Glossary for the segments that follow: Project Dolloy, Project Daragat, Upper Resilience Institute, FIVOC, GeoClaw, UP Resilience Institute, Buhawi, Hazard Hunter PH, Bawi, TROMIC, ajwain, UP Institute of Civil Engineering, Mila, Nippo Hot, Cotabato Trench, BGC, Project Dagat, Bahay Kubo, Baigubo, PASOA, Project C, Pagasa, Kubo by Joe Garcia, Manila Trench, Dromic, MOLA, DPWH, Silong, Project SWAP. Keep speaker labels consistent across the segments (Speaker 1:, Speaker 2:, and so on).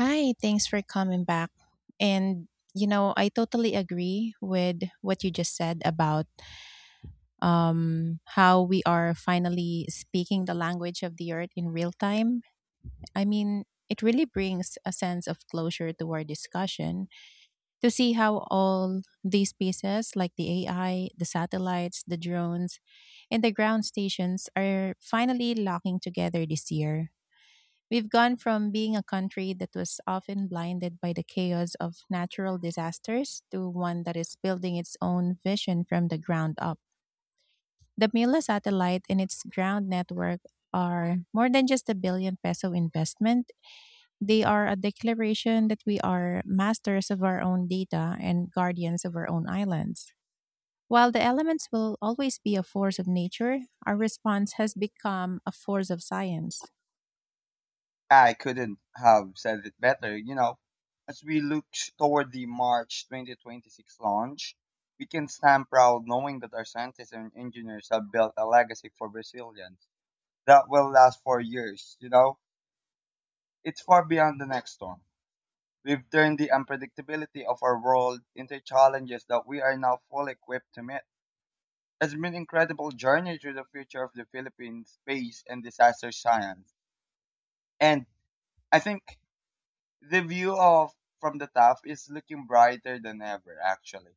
Speaker 1: Hi, thanks for coming back. And I totally agree with what you just said about how we are finally speaking the language of the earth in real time. I mean, it really brings a sense of closure to our discussion to see how all these pieces, like the AI, the satellites, the drones, and the ground stations, are finally locking together this year. We've gone from being a country that was often blinded by the chaos of natural disasters to one that is building its own vision from the ground up. The Mila satellite and its ground network are more than just a billion peso investment. They are a declaration that we are masters of our own data and guardians of our own islands. While the elements will always be a force of nature, our response has become a force of science.
Speaker 2: I couldn't have said it better. As we look toward the March 2026 launch, we can stand proud knowing that our scientists and engineers have built a legacy for resilience that will last for years. It's far beyond the next storm. We've turned the unpredictability of our world into challenges that we are now fully equipped to meet. It's been an incredible journey through the future of the Philippine space and disaster science. And I think the view of from the top is looking brighter than ever, actually.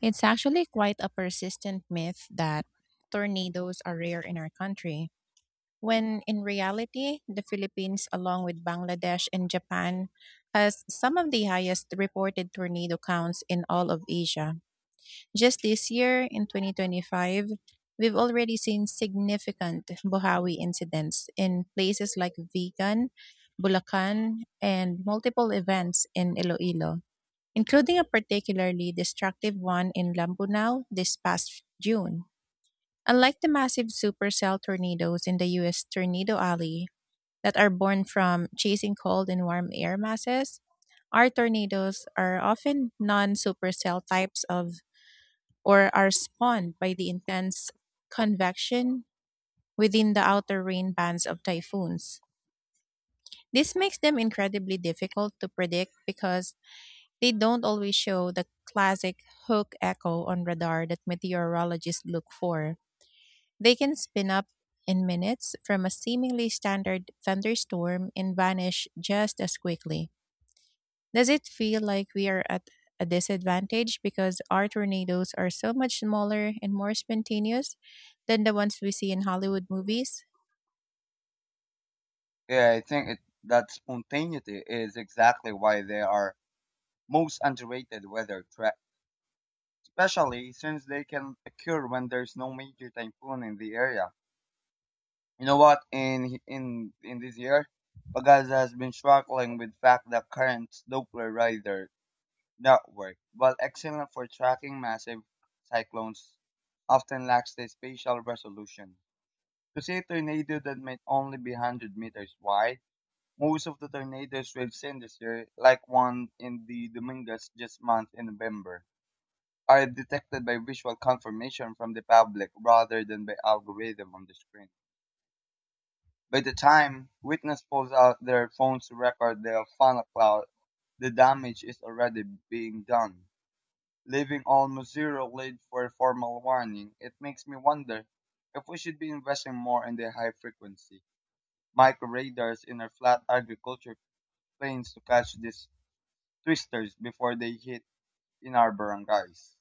Speaker 1: It's actually quite a persistent myth that tornadoes are rare in our country, when in reality, the Philippines, along with Bangladesh and Japan, has some of the highest reported tornado counts in all of Asia. Just this year, in 2025, we've already seen significant Buhawi incidents in places like Vigan, Bulacan, and multiple events in Iloilo, including a particularly destructive one in Lambunao this past June. Unlike the massive supercell tornadoes in the US Tornado Alley that are born from chasing cold and warm air masses, our tornadoes are often non-supercell types of or are spawned by the intense convection within the outer rain bands of typhoons. This makes them incredibly difficult to predict because they don't always show the classic hook echo on radar that meteorologists look for. They can spin up in minutes from a seemingly standard thunderstorm and vanish just as quickly. Does it feel like we are at a disadvantage because our tornadoes are so much smaller and more spontaneous than the ones we see in Hollywood movies?
Speaker 2: Yeah, I think that spontaneity is exactly why they are most underrated weather threats, especially since they can occur when there's no major typhoon in the area. You know what? In this year, Pagasa has been struggling with fact that currents Doppler radar network, while excellent for tracking massive cyclones, often lacks the spatial resolution to see a tornado that might only be 100 meters wide. Most of the tornadoes we've seen this year, like one in the Dominguez just month in November, are detected by visual confirmation from the public rather than by algorithm on the screen. By the time witness pulls out their phones to record the funnel cloud, the damage is already being done, leaving almost zero lead for a formal warning. It makes me wonder if we should be investing more in the high frequency microradars in our flat agriculture planes to catch these twisters before they hit in our barangays.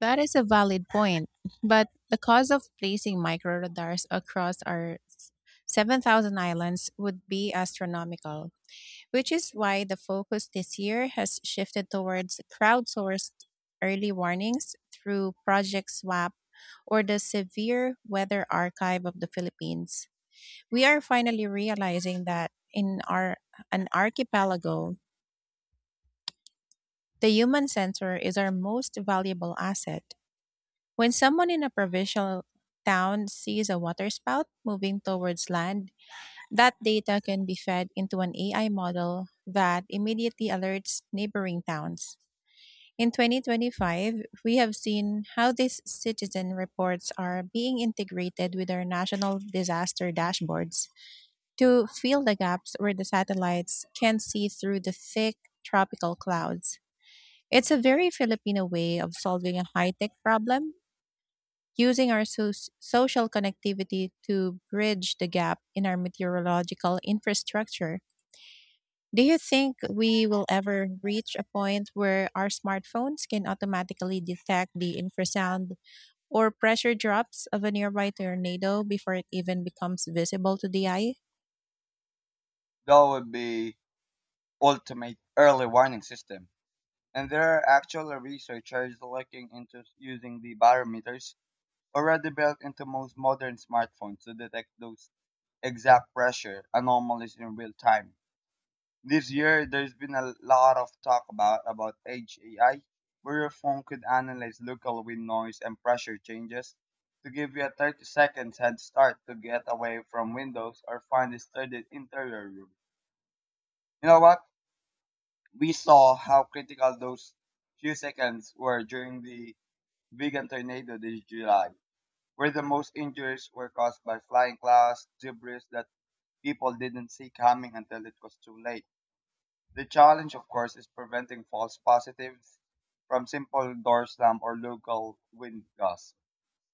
Speaker 1: That is a valid point, but the cost of placing micro radars across our 7,000 islands would be astronomical, which is why the focus this year has shifted towards crowdsourced early warnings through Project SWAP or the Severe Weather Archive of the Philippines. We are finally realizing that in our an archipelago, the human sensor is our most valuable asset. When someone in a provincial town sees a waterspout moving towards land, that data can be fed into an AI model that immediately alerts neighboring towns. In 2025, we have seen how these citizen reports are being integrated with our national disaster dashboards to fill the gaps where the satellites can't see through the thick tropical clouds. It's a very Filipino way of solving a high tech problem using our social connectivity to bridge the gap in our meteorological infrastructure. Do you think we will ever reach a point where our smartphones can automatically detect the infrasound or pressure drops of a nearby tornado before it even becomes visible to the eye?
Speaker 2: That would be ultimate early warning system. And there are actual researchers looking into using the barometers already built into most modern smartphones to detect those exact pressure anomalies in real time. This year, there's been a lot of talk about edge AI, where your phone could analyze local wind noise and pressure changes to give you a 30 seconds head start to get away from windows or find a studied interior room. You know what? We saw how critical those few seconds were during the vegan tornado this July, where the most injuries were caused by flying clouds, debris that people didn't see coming until it was too late. The challenge, of course, is preventing false positives from simple door slam or local wind gusts,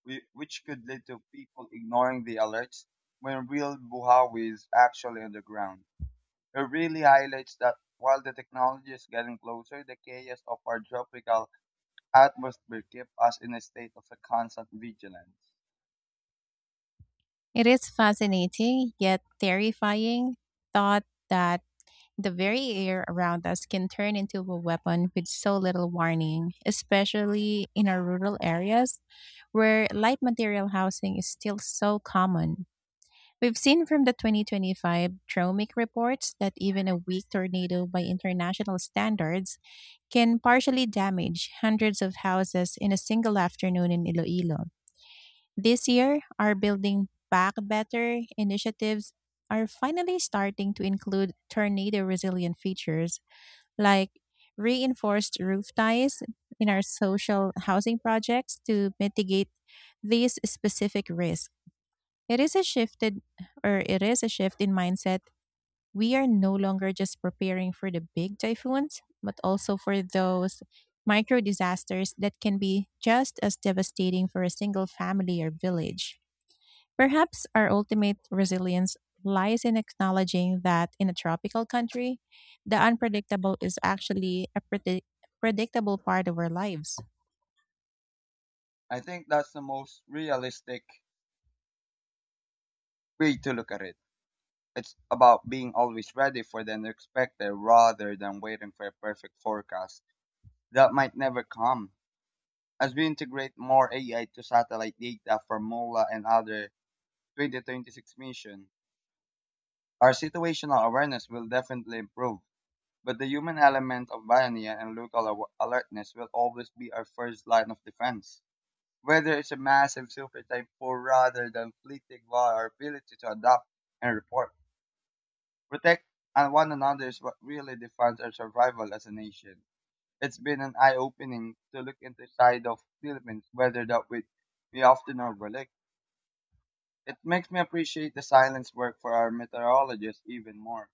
Speaker 2: which could lead to people ignoring the alerts when real Buhawi is actually on the ground. It really highlights that while the technology is getting closer, the chaos of our tropical atmosphere keeps us in a state of a constant vigilance.
Speaker 1: It is fascinating, yet terrifying, thought that the very air around us can turn into a weapon with so little warning, especially in our rural areas where light material housing is still so common. We've seen from the 2025 TROMIC reports that even a weak tornado by international standards can partially damage hundreds of houses in a single afternoon in Iloilo. This year, our Building Back Better initiatives are finally starting to include tornado resilient features like reinforced roof ties in our social housing projects to mitigate these specific risks. It is a shifted it is a shift in mindset. We are no longer just preparing for the big typhoons, but also for those micro disasters that can be just as devastating for a single family or village. Perhaps our ultimate resilience lies in acknowledging that in a tropical country, the unpredictable is actually a predictable part of our lives.
Speaker 2: I think that's the most realistic way to look at it. It's about being always ready for the unexpected rather than waiting for a perfect forecast that might never come. As we integrate more AI to satellite data from MOLA and other 2026 missions, our situational awareness will definitely improve. But the human element of pioneer and local alertness will always be our first line of defense. Whether it's a massive super typhoon rather than fleeting, while our ability to adapt and report Protect one another is what really defines our survival as a nation. It's been an eye-opening to look into side of Philippines, whether that we often overlook. It makes me appreciate the silence work for our meteorologists even more.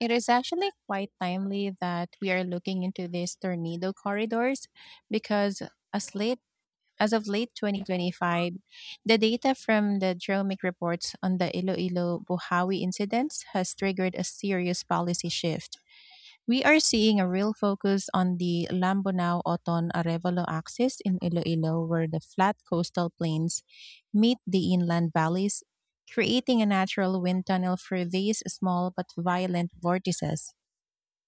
Speaker 1: It is actually quite timely that we are looking into these tornado corridors because as late as of late 2025, the data from the Dromic reports on the Iloilo Buhawi incidents has triggered a serious policy shift. We are seeing a real focus on the Lambonau Oton Arevalo axis in Iloilo, where the flat coastal plains meet the inland valleys, creating a natural wind tunnel for these small but violent vortices.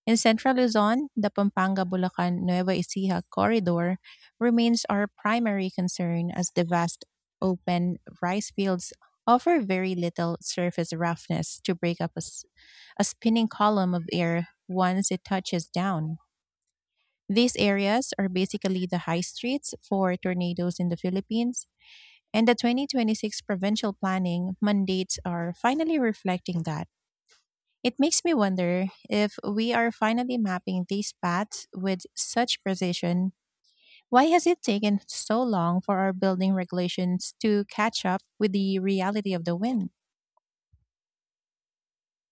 Speaker 1: In central Luzon, the Pampanga Bulacan Nueva Ecija corridor remains our primary concern as the vast open rice fields offer very little surface roughness to break up a spinning column of air once it touches down. These areas are basically the high streets for tornadoes in the Philippines, and the 2026 provincial planning mandates are finally reflecting that. It makes me wonder if we are finally mapping these paths with such precision. Why has it taken so long for our building regulations to catch up with the reality of the wind?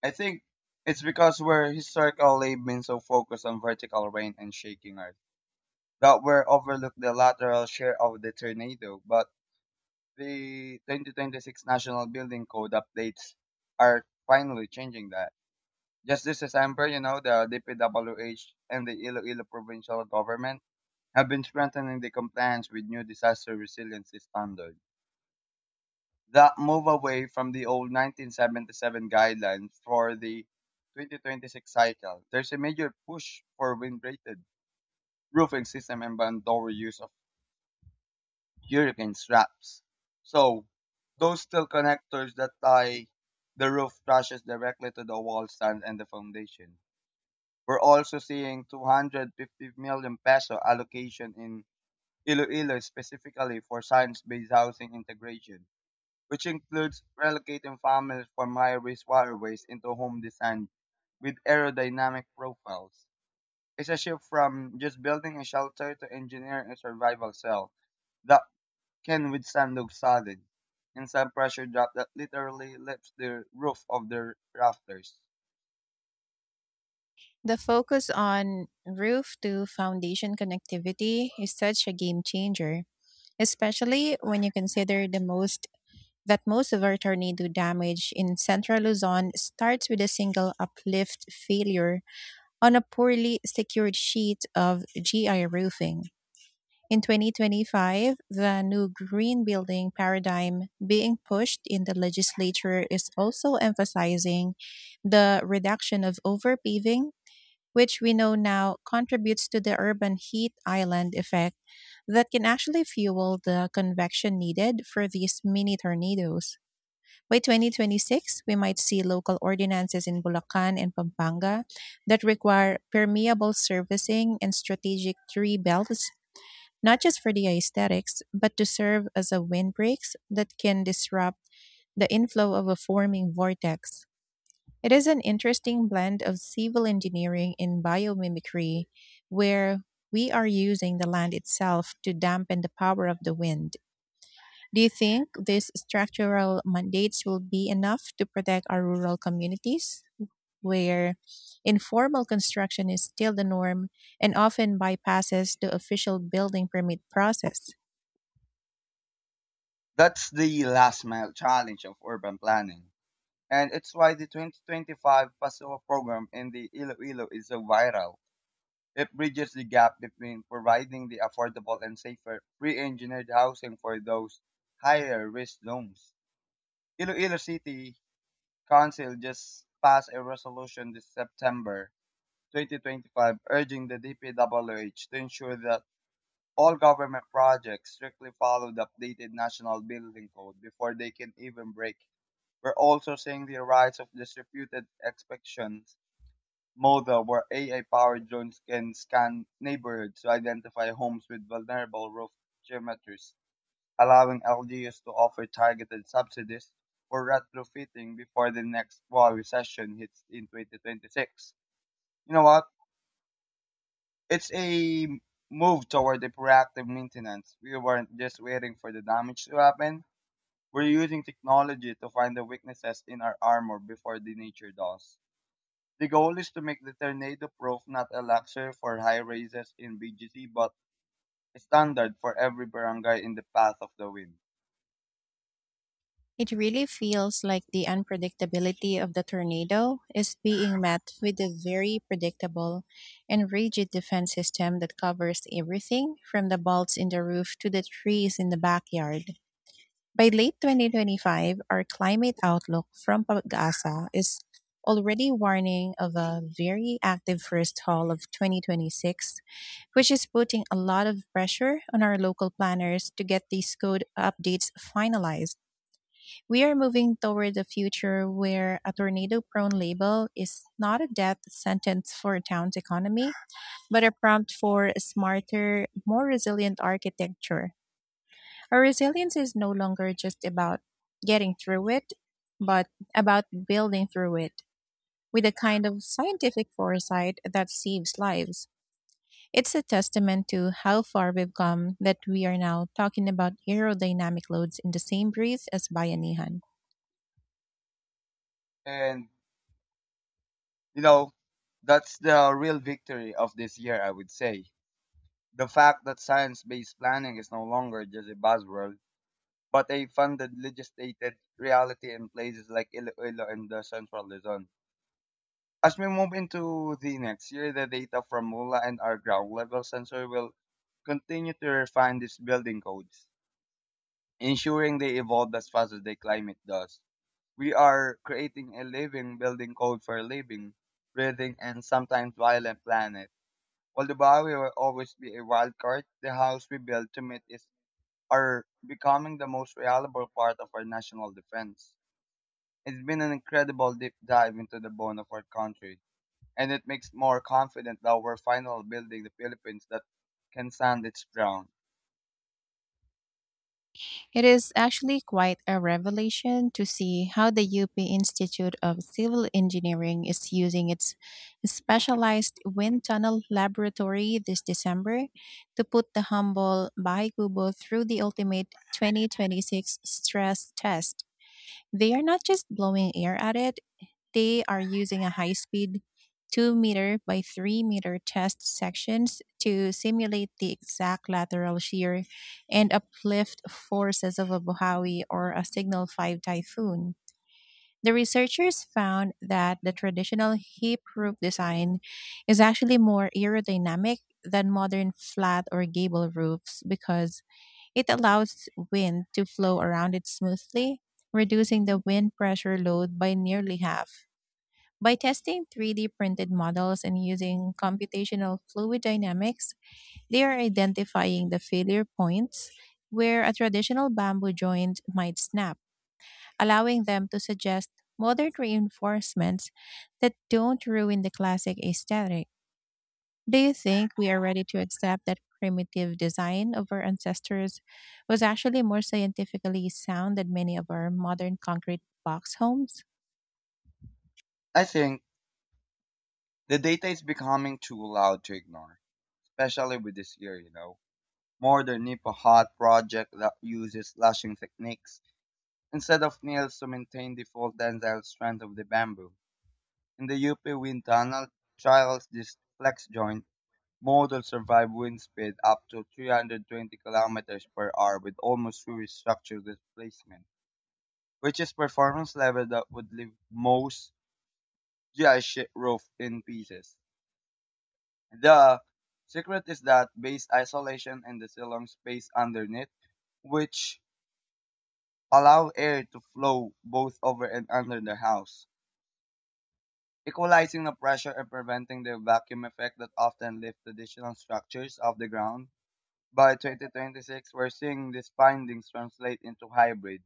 Speaker 2: I think it's because we're historically been so focused on vertical rain and shaking earth that we're overlooked the lateral share of the tornado. But the 2026 National Building Code updates are finally changing that. Just this December, the DPWH and the Iloilo provincial government have been strengthening the compliance with new disaster resiliency standards. That move away from the old 1977 guidelines for the 2026 cycle. There's a major push for wind-rated roofing system and ban use of hurricane straps. So, those steel connectors that tie the roof trusses directly to the wall stand and the foundation. We're also seeing 250 million peso allocation in Iloilo specifically for science-based housing integration, which includes relocating families from high-risk waterways into home design with aerodynamic profiles. It's a shift from just building a shelter to engineering a survival cell that can withstand the solid and some pressure drop that literally lifts the roof of their rafters.
Speaker 1: The focus on roof to foundation connectivity is such a game changer, especially when you consider the most that most of our tornado damage in central Luzon starts with a single uplift failure on a poorly secured sheet of GI roofing. In 2025, the new green building paradigm being pushed in the legislature is also emphasizing the reduction of overpaving, which we know now contributes to the urban heat island effect that can actually fuel the convection needed for these mini tornadoes. By 2026, we might see local ordinances in Bulacan and Pampanga that require permeable surfacing and strategic tree belts, not just for the aesthetics, but to serve as a windbreaks that can disrupt the inflow of a forming vortex. It is an interesting blend of civil engineering and biomimicry, where we are using the land itself to dampen the power of the wind. Do you think these structural mandates will be enough to protect our rural communities, where informal construction is still the norm and often bypasses the official building permit process?
Speaker 2: That's the last mile challenge of urban planning. And it's why the 2025 PASOA program in the Iloilo is so vital. It bridges the gap between providing the affordable and safer pre-engineered housing for those higher risk zones. Iloilo City Council just passed a resolution this September 2025 urging the DPWH to ensure that all government projects strictly follow the updated National Building Code before they can even break. We're also seeing the rise of distributed inspections model where AI-powered drones can scan neighborhoods to identify homes with vulnerable roof geometries, allowing LGUs to offer targeted subsidies for retrofitting before the next wall recession hits in 2026. You know what? It's a move toward the proactive maintenance. We weren't just waiting for the damage to happen. We're using technology to find the weaknesses in our armor before the nature does. The goal is to make the Tornado Proof not a luxury for high rises in BGC, but a standard for every barangay in the path of the wind.
Speaker 1: It really feels like the unpredictability of the tornado is being met with a very predictable and rigid defense system that covers everything from the bolts in the roof to the trees in the backyard. By late 2025, our climate outlook from Pagasa is already warning of a very active first half of 2026, which is putting a lot of pressure on our local planners to get these code updates finalized. We are moving toward a future where a tornado prone label is not a death sentence for a town's economy, but a prompt for a smarter, more resilient architecture. Our resilience is no longer just about getting through it, but about building through it with a kind of scientific foresight that saves lives. It's a testament to how far we've come that we are now talking about aerodynamic loads in the same breath as Bayanihan.
Speaker 2: And, you know, that's the real victory of this year, I would say. The fact that science based planning is no longer just a buzzword, but a funded, legislated reality in places like Iloilo and the Central Luzon. As we move into the next year, the data from MULA and our ground level sensor will continue to refine these building codes, ensuring they evolve as fast as the climate does. We are creating a living, building code for a living, breathing, and sometimes violent planet. While the Bawi will always be a wild card, the house we build to meet is are becoming the most reliable part of our national defense. It's been an incredible deep dive into the bone of our country, and it makes more confident that we're finally building the Philippines that can stand its ground.
Speaker 1: It is actually quite a revelation to see how the UP Institute of Civil Engineering is using its specialized wind tunnel laboratory this December to put the humble Baigubo through the ultimate 2026 stress test. They are not just blowing air at it, they are using a high speed 2-meter by 3 meter test sections to simulate the exact lateral shear and uplift forces of a Buhawi or a Signal 5 typhoon. The researchers found that the traditional hip roof design is actually more aerodynamic than modern flat or gable roofs because it allows wind to flow around it smoothly, reducing the wind pressure load by nearly half. By testing 3D printed models and using computational fluid dynamics, they are identifying the failure points where a traditional bamboo joint might snap, allowing them to suggest modern reinforcements that don't ruin the classic aesthetic. Do you think we are ready to accept that primitive design of our ancestors was actually more scientifically sound than many of our modern concrete box homes?
Speaker 2: I think the data is becoming too loud to ignore, especially with this year. Modern Nippo Hot project that uses lashing techniques instead of nails to maintain the full tensile strength of the bamboo. In the UP wind tunnel, trials this flex joint model survive wind speed up to 320 kilometers per hour with almost zero structural displacement, which is performance level that would leave most GI ship roof in pieces. The secret is that base isolation and the Silong space underneath, which allow air to flow both over and under the house, equalizing the pressure and preventing the vacuum effect that often lifts traditional structures off the ground. By 2026, we're seeing these findings translate into hybrid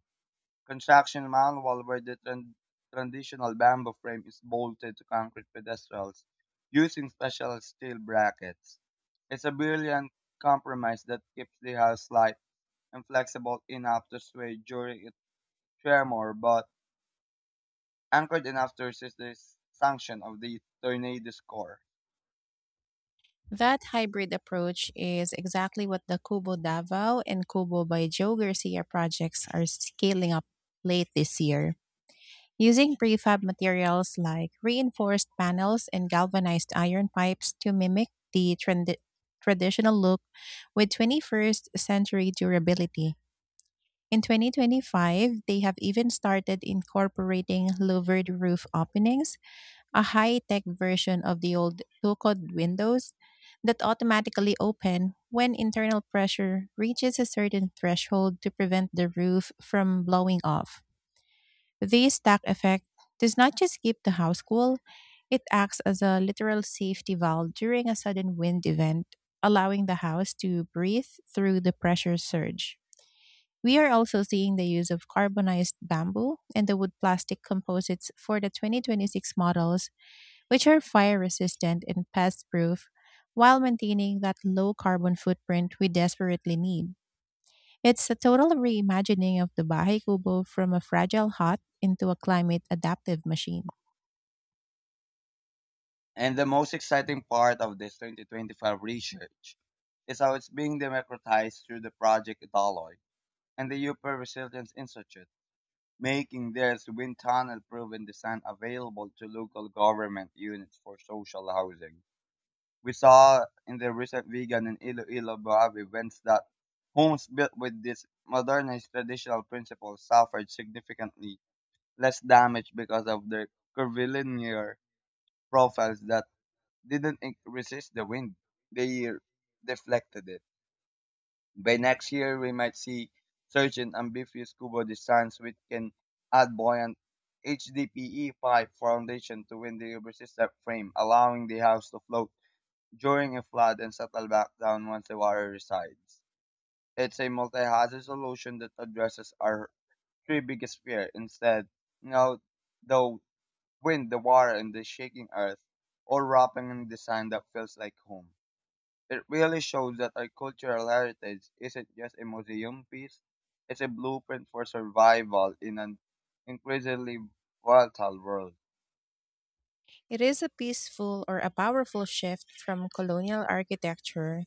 Speaker 2: Construction manual where the traditional bamboo frame is bolted to concrete pedestals using special steel brackets. It's a brilliant compromise that keeps the house light and flexible enough to sway during its tremor, but anchored enough to resist the sanction of the tornado's core.
Speaker 1: That hybrid approach is exactly what the Kubo Davao and Kubo by Joe Garcia projects are scaling up late this year, using prefab materials like reinforced panels and galvanized iron pipes to mimic the traditional look with 21st century durability. In 2025, they have even started incorporating louvered roof openings, a high-tech version of the old two-code windows that automatically open when internal pressure reaches a certain threshold to prevent the roof from blowing off. This stack effect does not just keep the house cool, it acts as a literal safety valve during a sudden wind event, allowing the house to breathe through the pressure surge. We are also seeing the use of carbonized bamboo and the wood plastic composites for the 2026 models, which are fire resistant and pest proof while maintaining that low carbon footprint we desperately need. It's a total reimagining of the Bahay Kubo from a fragile hut into a climate adaptive machine.
Speaker 2: And the most exciting part of this 2025 research is how it's being democratized through the Project Dolloy and the Upper Resilience Institute, making this wind tunnel proven design available to local government units for social housing. We saw in the recent vegan and Iloilo Boab events that homes built with these modernized traditional principles suffered significantly less damage because of their curvilinear profiles that didn't resist the wind. They deflected it. By next year, we might see surge in amphibious scuba designs which can add buoyant HDPE pipe foundation to windy resistant frame, allowing the house to float during a flood and settle back down once the water resides. It's a multi-hazard solution that addresses our three biggest fear instead, you know, the wind, the water, and the shaking earth, all wrapping in a design that feels like home. It really shows that our cultural heritage isn't just a museum piece, it's a blueprint for survival in an increasingly volatile world.
Speaker 1: It is a peaceful or a powerful shift from colonial architecture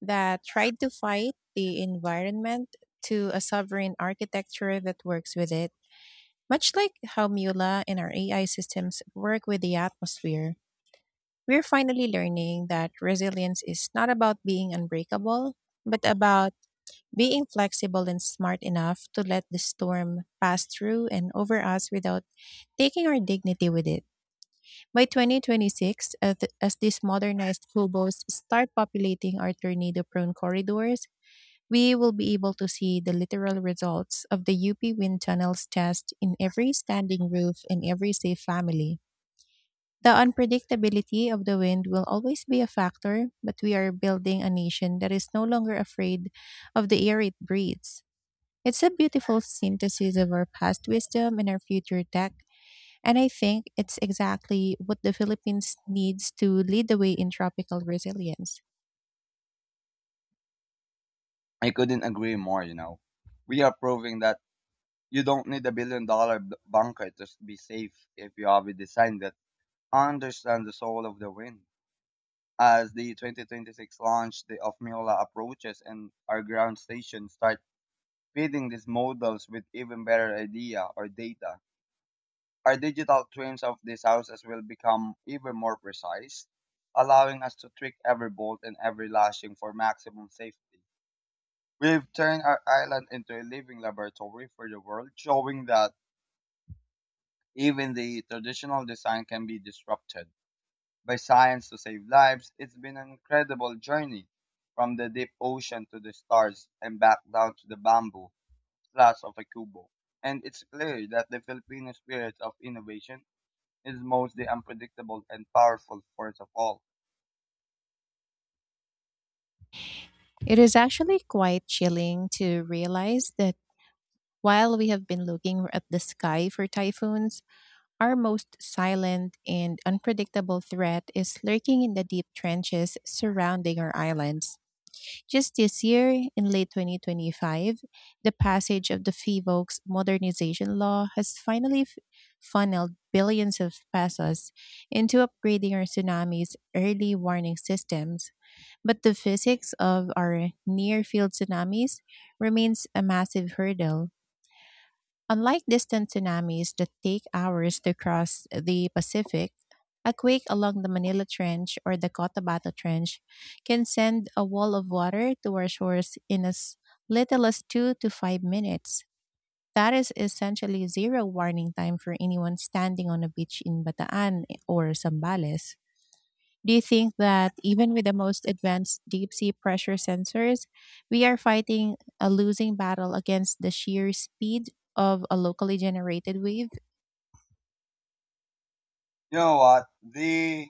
Speaker 1: that tried to fight the environment to a sovereign architecture that works with it, much like how Mula and our AI systems work with the atmosphere. We're finally learning that resilience is not about being unbreakable, but about being flexible and smart enough to let the storm pass through and over us without taking our dignity with it. By 2026, as these modernized hobos start populating our tornado prone corridors, we will be able to see the literal results of the UP wind tunnels test in every standing roof and every safe family. The unpredictability of the wind will always be a factor, but we are building a nation that is no longer afraid of the air it breathes. It's a beautiful synthesis of our past wisdom and our future tech, and I think it's exactly what the Philippines needs to lead the way in tropical resilience.
Speaker 2: I couldn't agree more. We are proving that you don't need a billion dollar bunker to be safe if you have a design that understands the soul of the wind. As the 2026 launch day of Miola approaches and our ground stations start feeding these models with even better idea or data, our digital twins of these houses will become even more precise, allowing us to tweak every bolt and every lashing for maximum safety. We've turned our island into a living laboratory for the world, showing that even the traditional design can be disrupted by science to save lives. It's been an incredible journey from the deep ocean to the stars and back down to the bamboo flats of a kubo. And it's clear that the Filipino spirit of innovation is most the unpredictable and powerful force of all.
Speaker 1: It is actually quite chilling to realize that while we have been looking at the sky for typhoons, our most silent and unpredictable threat is lurking in the deep trenches surrounding our islands. Just this year, in late 2025, the passage of the FIVOC's modernization law has funneled billions of pesos into upgrading our tsunami's early warning systems. But the physics of our near field tsunamis remains a massive hurdle. Unlike distant tsunamis that take hours to cross the Pacific, a quake along the Manila Trench or the Cotabato Trench can send a wall of water to our shores in as little as 2 to 5 minutes. That is essentially zero warning time for anyone standing on a beach in Bataan or Zambales. Do you think that even with the most advanced deep sea pressure sensors, we are fighting a losing battle against the sheer speed of a locally generated wave?
Speaker 2: You know what? The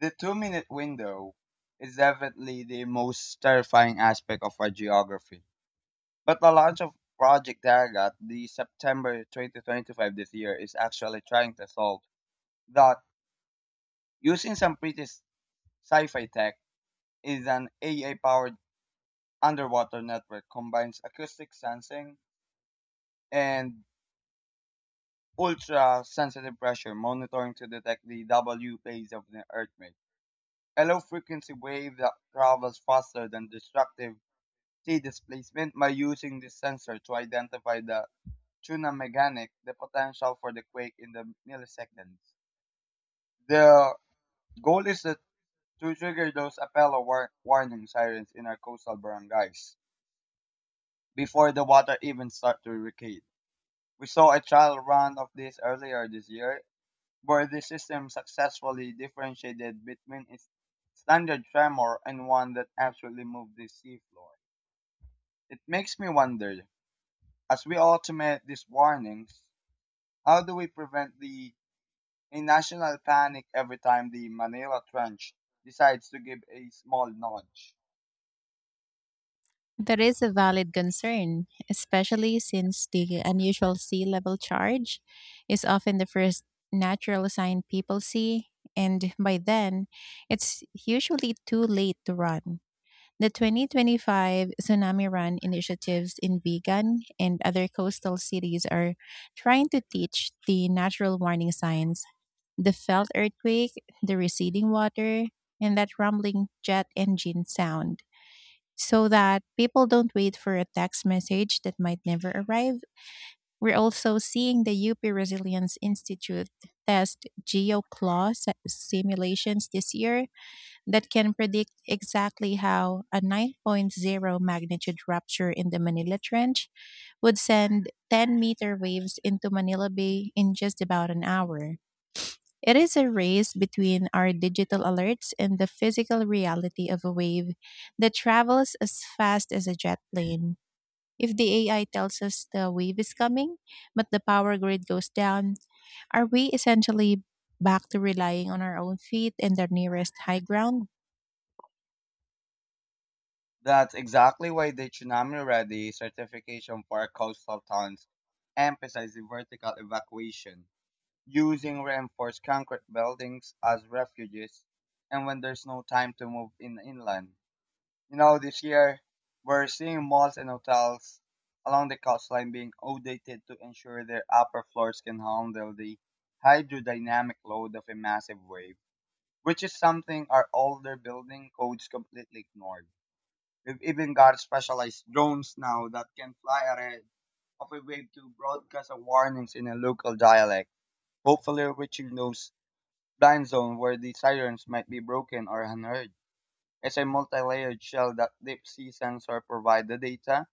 Speaker 2: the 2-minute window is definitely the most terrifying aspect of our geography. But the launch of Project Daragat, the September 2025 this year, is actually trying to solve that using some pretty sci-fi tech is an AI powered underwater network combines acoustic sensing and ultra sensitive pressure monitoring to detect the W phase of the Earth. A low-frequency wave that travels faster than destructive "t" displacement by using this sensor to identify the tsunami mechanic, the potential for the quake in the milliseconds. The goal is that to trigger those Apollo warning sirens in our coastal barangays before the water even starts to recede. We saw a trial run of this earlier this year, where the system successfully differentiated between its standard tremor and one that actually moved the seafloor. It makes me wonder, as we automate these warnings, how do we prevent the a national panic every time the Manila Trench decides to give a small nudge?
Speaker 1: That is a valid concern, especially since the unusual sea level charge is often the first natural sign people see, and by then, it's usually too late to run. The 2025 Tsunami Run initiatives in Vigan and other coastal cities are trying to teach the natural warning signs, the felt earthquake, the receding water, and that rumbling jet engine sound, so that people don't wait for a text message that might never arrive. We're also seeing the UP Resilience Institute test simulations this year that can predict exactly how a 9.0 magnitude rupture in the Manila Trench would send 10-meter waves into Manila Bay in just about an hour. It is a race between our digital alerts and the physical reality of a wave that travels as fast as a jet plane. If the AI tells us the wave is coming, but the power grid goes down, are we essentially back to relying on our own feet and the nearest high ground?
Speaker 2: That's exactly why the tsunami ready certification for coastal towns emphasizes vertical evacuation, using reinforced concrete buildings as refuges, and when there's no time to move in inland. This year we're seeing malls and hotels along the coastline being outdated to ensure their upper floors can handle the hydrodynamic load of a massive wave, which is something our older building codes completely ignored. We've even got specialized drones now that can fly ahead of a wave to broadcast a warnings in a local dialect, hopefully reaching those blind zones where the sirens might be broken or unheard. As a multi-layered shell that deep sea sensor provides the data,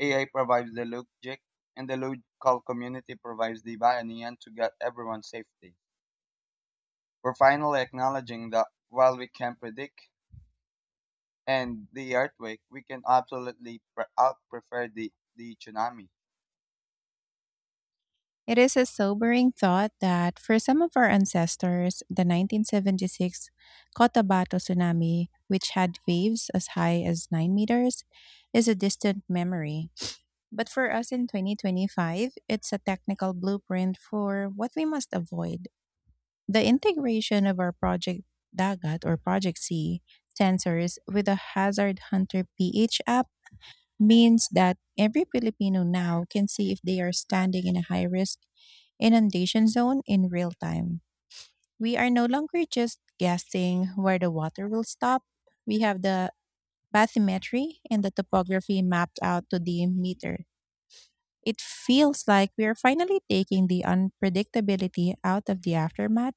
Speaker 2: AI provides the logic, and the local community provides the backend to get everyone safety. We're finally acknowledging that while we can predict and the earthquake, we can absolutely out prefer the tsunami.
Speaker 1: It is a sobering thought that, for some of our ancestors, the 1976 Cotabato tsunami, which had waves as high as 9 meters, is a distant memory. But for us in 2025, it's a technical blueprint for what we must avoid. The integration of our Project Dagat, or Project C, sensors with a Hazard Hunter PH app means that every Filipino now can see if they are standing in a high risk inundation zone in real time. We are no longer just guessing where the water will stop. We have the bathymetry and the topography mapped out to the meter. It feels like we are finally taking the unpredictability out of the aftermath,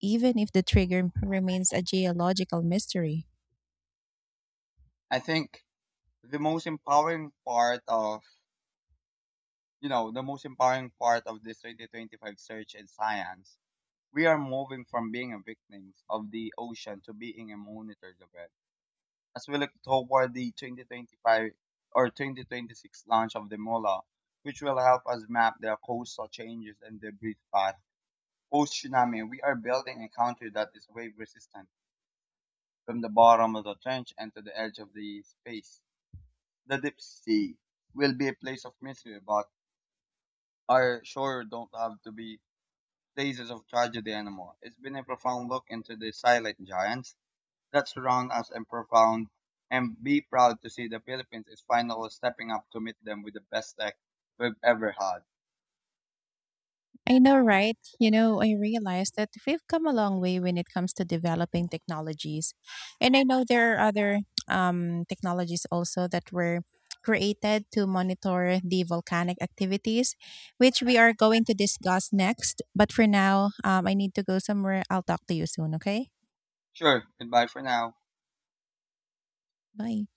Speaker 1: even if the trigger remains a geological mystery.
Speaker 2: I think the most empowering part of the most empowering part of this 2025 search in science we are moving from being a victim of the ocean to being a monitor of it. As we look toward the 2025 or 2026 launch of the MOLA, which will help us map the coastal changes and debris path post tsunami, we are building a country that is wave resistant from the bottom of the trench and to the edge of the space. The deep sea will be a place of mystery, but our shore don't have to be places of tragedy anymore. It's been a profound look into the silent giants that surround us and profound, and be proud to see the Philippines is finally stepping up to meet them with the best tech we've ever had.
Speaker 1: I know, right? You know, I realized that we've come a long way when it comes to developing technologies. And I know there are other technologies also that were created to monitor the volcanic activities, which we are going to discuss next. But for now, I need to go somewhere. I'll talk to you soon, okay?
Speaker 2: Sure, goodbye for now.
Speaker 1: Bye.